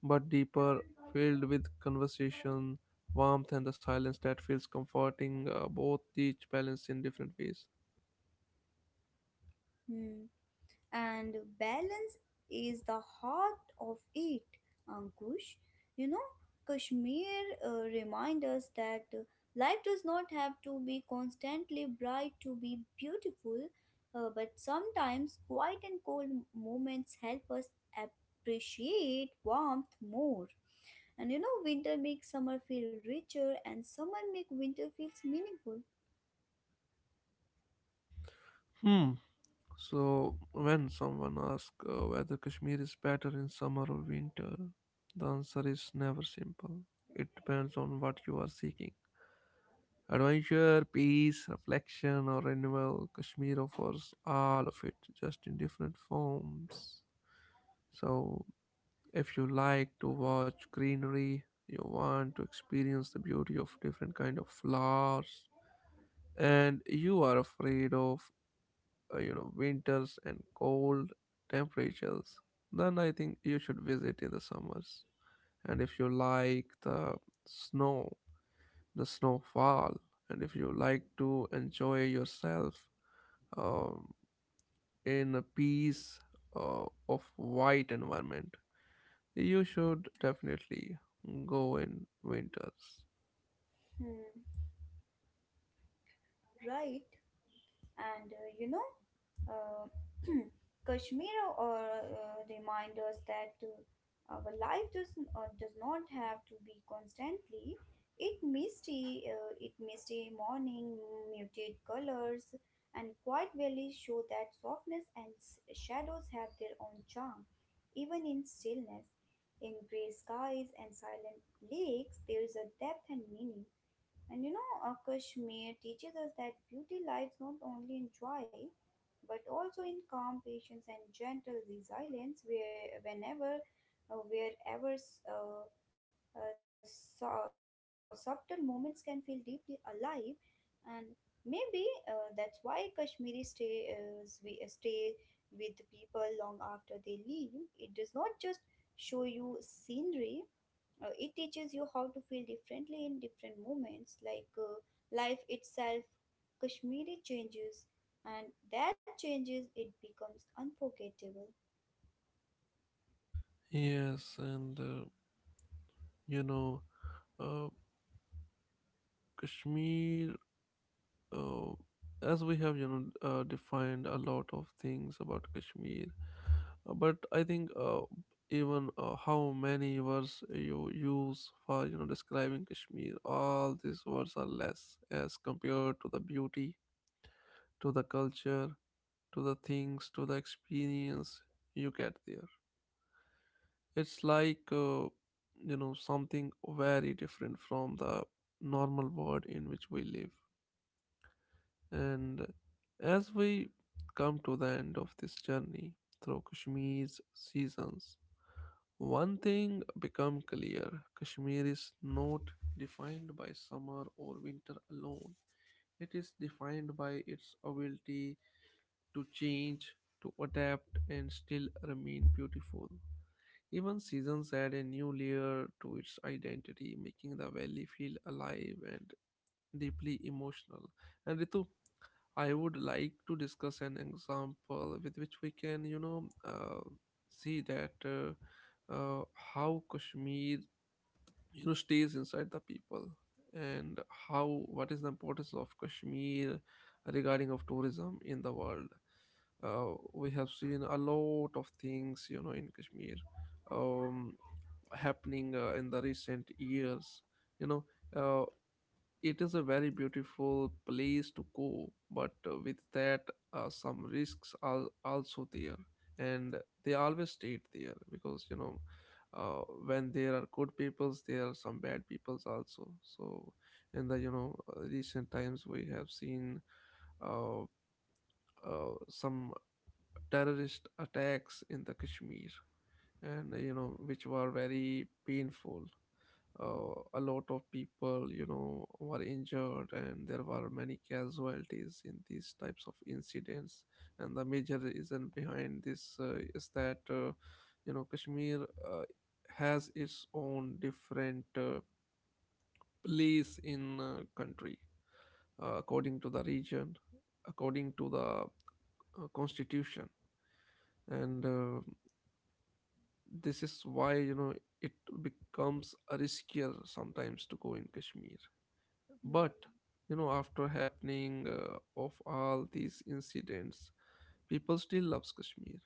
Speaker 1: but deeper, filled with conversation, warmth, and the silence that feels comforting. Uh, both teach balance in different ways.
Speaker 2: Hmm. And balance is the heart of it, Ankush. You know, Kashmir uh, reminds us that uh, life does not have to be constantly bright to be beautiful, uh, but sometimes quiet and cold moments help us appreciate warmth more. And you know, winter makes summer feel richer, and summer makes winter feels meaningful.
Speaker 1: Hmm. So, when someone asks uh, whether Kashmir is better in summer or winter, the answer is never simple. It depends on what you are seeking. Adventure, peace, reflection, or renewal, Kashmir offers all of it, just in different forms. So, if you like to watch greenery, you want to experience the beauty of different kind of flowers, and you are afraid of uh, you know winters and cold temperatures, then i think you should visit in the summers. And if you like the snow, the snowfall, and if you like to enjoy yourself um, in a peace uh, of white environment, you should definitely go in winters.
Speaker 2: Hmm, right. and uh, you know uh, Kashmir or uh, remind us that uh, our life does uh, does not have to be constantly it misty uh, it misty morning, muted colors, and quiet valleys show that softness and s- shadows have their own charm. Even in stillness, in gray skies and silent lakes, there is a depth and meaning. And you know, uh, Kashmir teaches us that beauty lies not only in joy, but also in calm patience and gentle resilience, where whenever, uh, wherever uh, uh, su- subtle moments can feel deeply alive. And maybe uh, that's why Kashmiri stay, uh, we- uh, stay with people long after they leave. It does not just show you scenery, uh, it teaches you how to feel differently in different moments, like uh, life itself. Kashmiri changes, and that changes, it becomes unforgettable.
Speaker 1: Yes, and uh, you know uh, kashmir, uh, as we have you know uh, defined a lot of things about kashmir, uh, but i think uh, even uh, how many words you use for you know describing kashmir, all these words are less as compared to the beauty, to the culture, to the things, to the experience you get there. It's like uh, you know something very different from the normal world in which we live. And as we come to the end of this journey through Kashmir's seasons, one thing become clear. Kashmir is not defined by summer or winter alone. It is defined by its ability to change, to adapt and still remain beautiful. Even seasons add a new layer to its identity, making the valley feel alive and deeply emotional. And Ritu, I would like to discuss an example with which we can, you know, uh, see that uh, uh, how Kashmir, you know, stays inside the people, and how, what is the importance of Kashmir regarding of tourism in the world. Uh, we have seen a lot of things, you know, in Kashmir, um, happening uh, in the recent years. You know, uh, it is a very beautiful place to go, but uh, with that, uh, some risks are also there, and they always stayed there, because you know, uh, when there are good peoples, there are some bad peoples also. So, in the you know uh, recent times, we have seen uh, uh, some terrorist attacks in the Kashmir, and uh, you know which were very painful. Uh, a lot of people, you know were injured, and there were many casualties in these types of incidents. And the major reason behind this uh, is that uh, you know kashmir uh, has its own different uh, place in uh, country, uh, according to the region, according to the uh, constitution. And uh, this is why, you know, it becomes a riskier sometimes to go in kashmir. But
Speaker 2: Hmm.
Speaker 1: you know, after happening uh, of all these incidents, people still loves Kashmir,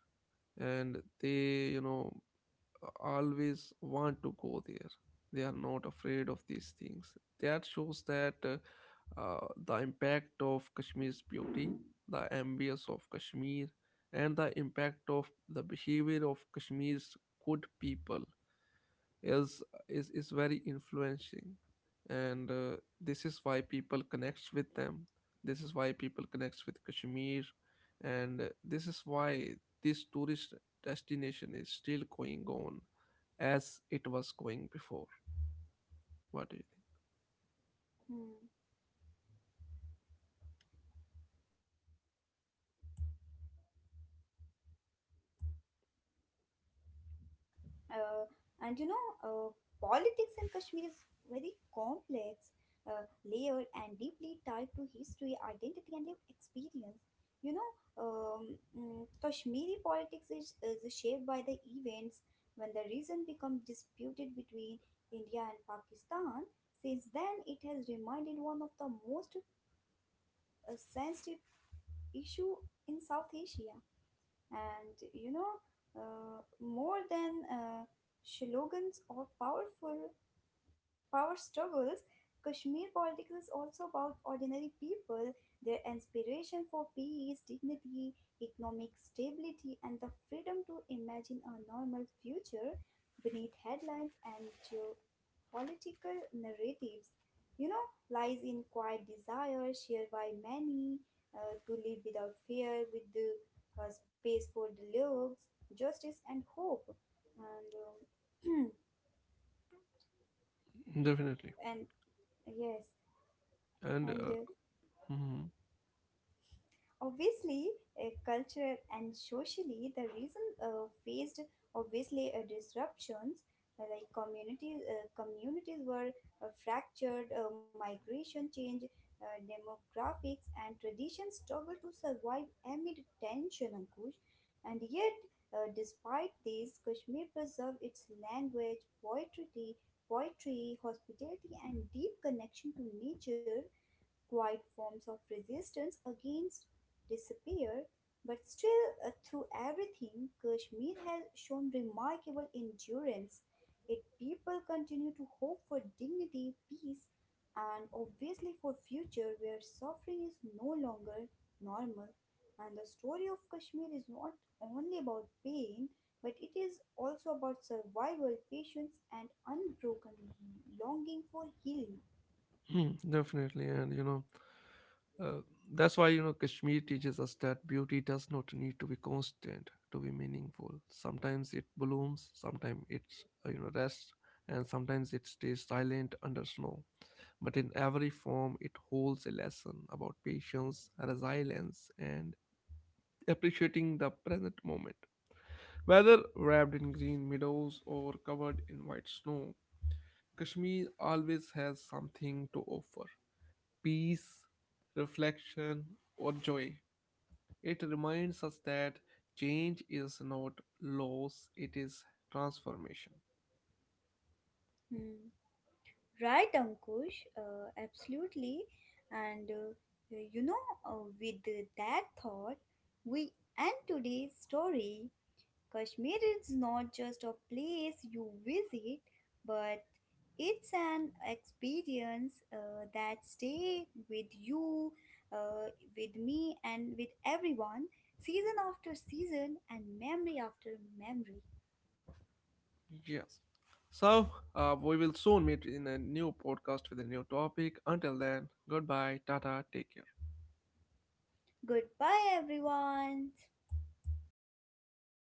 Speaker 1: and they, you know, always want to go there. They are not afraid of these things. That shows that uh, uh, the impact of Kashmir's beauty, the ambience of Kashmir, and the impact of the behavior of Kashmir's good people is is, is very influencing. And uh, this is why people connects with them, this is why people connects with kashmir, and uh, this is why this tourist destination is still going on as it was going before. What do you
Speaker 2: Hmm. uh, and you know uh, Politics in Kashmir is very complex, uh, layered, and deeply tied to history, identity, and lived experience. You know, um, mm, Kashmiri politics is, is shaped by the events when the region became disputed between India and Pakistan. Since then, it has remained one of the most uh, sensitive issue in South Asia. And you know, uh, more than uh, slogans or powerful power struggles, Kashmir politics is also about ordinary people, their aspiration for peace, dignity, economic stability, and the freedom to imagine a normal future beneath headlines and geopolitical narratives. You know, lies in quiet desire shared by many, uh, to live without fear, with the uh, space for dialogues, justice, and hope. And um,
Speaker 1: think? Definitely.
Speaker 2: and yes,
Speaker 1: And
Speaker 2: and
Speaker 1: uh,
Speaker 2: uh,
Speaker 1: mhm.
Speaker 2: obviously uh, cultural and socially the reason uh, faced obviously uh, disruptions. Uh, like communities uh, communities were uh, fractured, uh, migration change, uh, demographics and traditions struggle to survive amid tension, Ankush. And yet, uh, despite this, Kashmir preserved its language, poetry poetry, hospitality, and deep connection to nature, quiet forms of resistance against disappear, but still, uh, through everything, Kashmir has shown remarkable endurance. Its people continue to hope for dignity, peace, and obviously for future where suffering is no longer normal. And the story of Kashmir is not only about pain, but it is also about survival, patience, and unbroken longing for healing.
Speaker 1: Hmm, definitely. And you know Uh, that's why, you know, Kashmir teaches us that beauty does not need to be constant to be meaningful. Sometimes it blooms, sometimes it's, uh, you know rests, and sometimes it stays silent under snow. But in every form, it holds a lesson about patience, resilience, and appreciating the present moment. Whether wrapped in green meadows or covered in white snow, Kashmir always has something to offer: peace, reflection, or joy. It reminds us that change is not loss, it is transformation.
Speaker 2: Hmm. Right, Ankush, uh, absolutely. And uh, you know, uh, with that thought, we end today's story. Kashmir is not just a place you visit, but it's an experience uh, that stay with you, uh, with me, and with everyone, season after season, and memory after memory.
Speaker 1: Yes. So, uh, we will soon meet in a new podcast with a new topic. Until then, goodbye, tata, take care.
Speaker 2: Goodbye, everyone.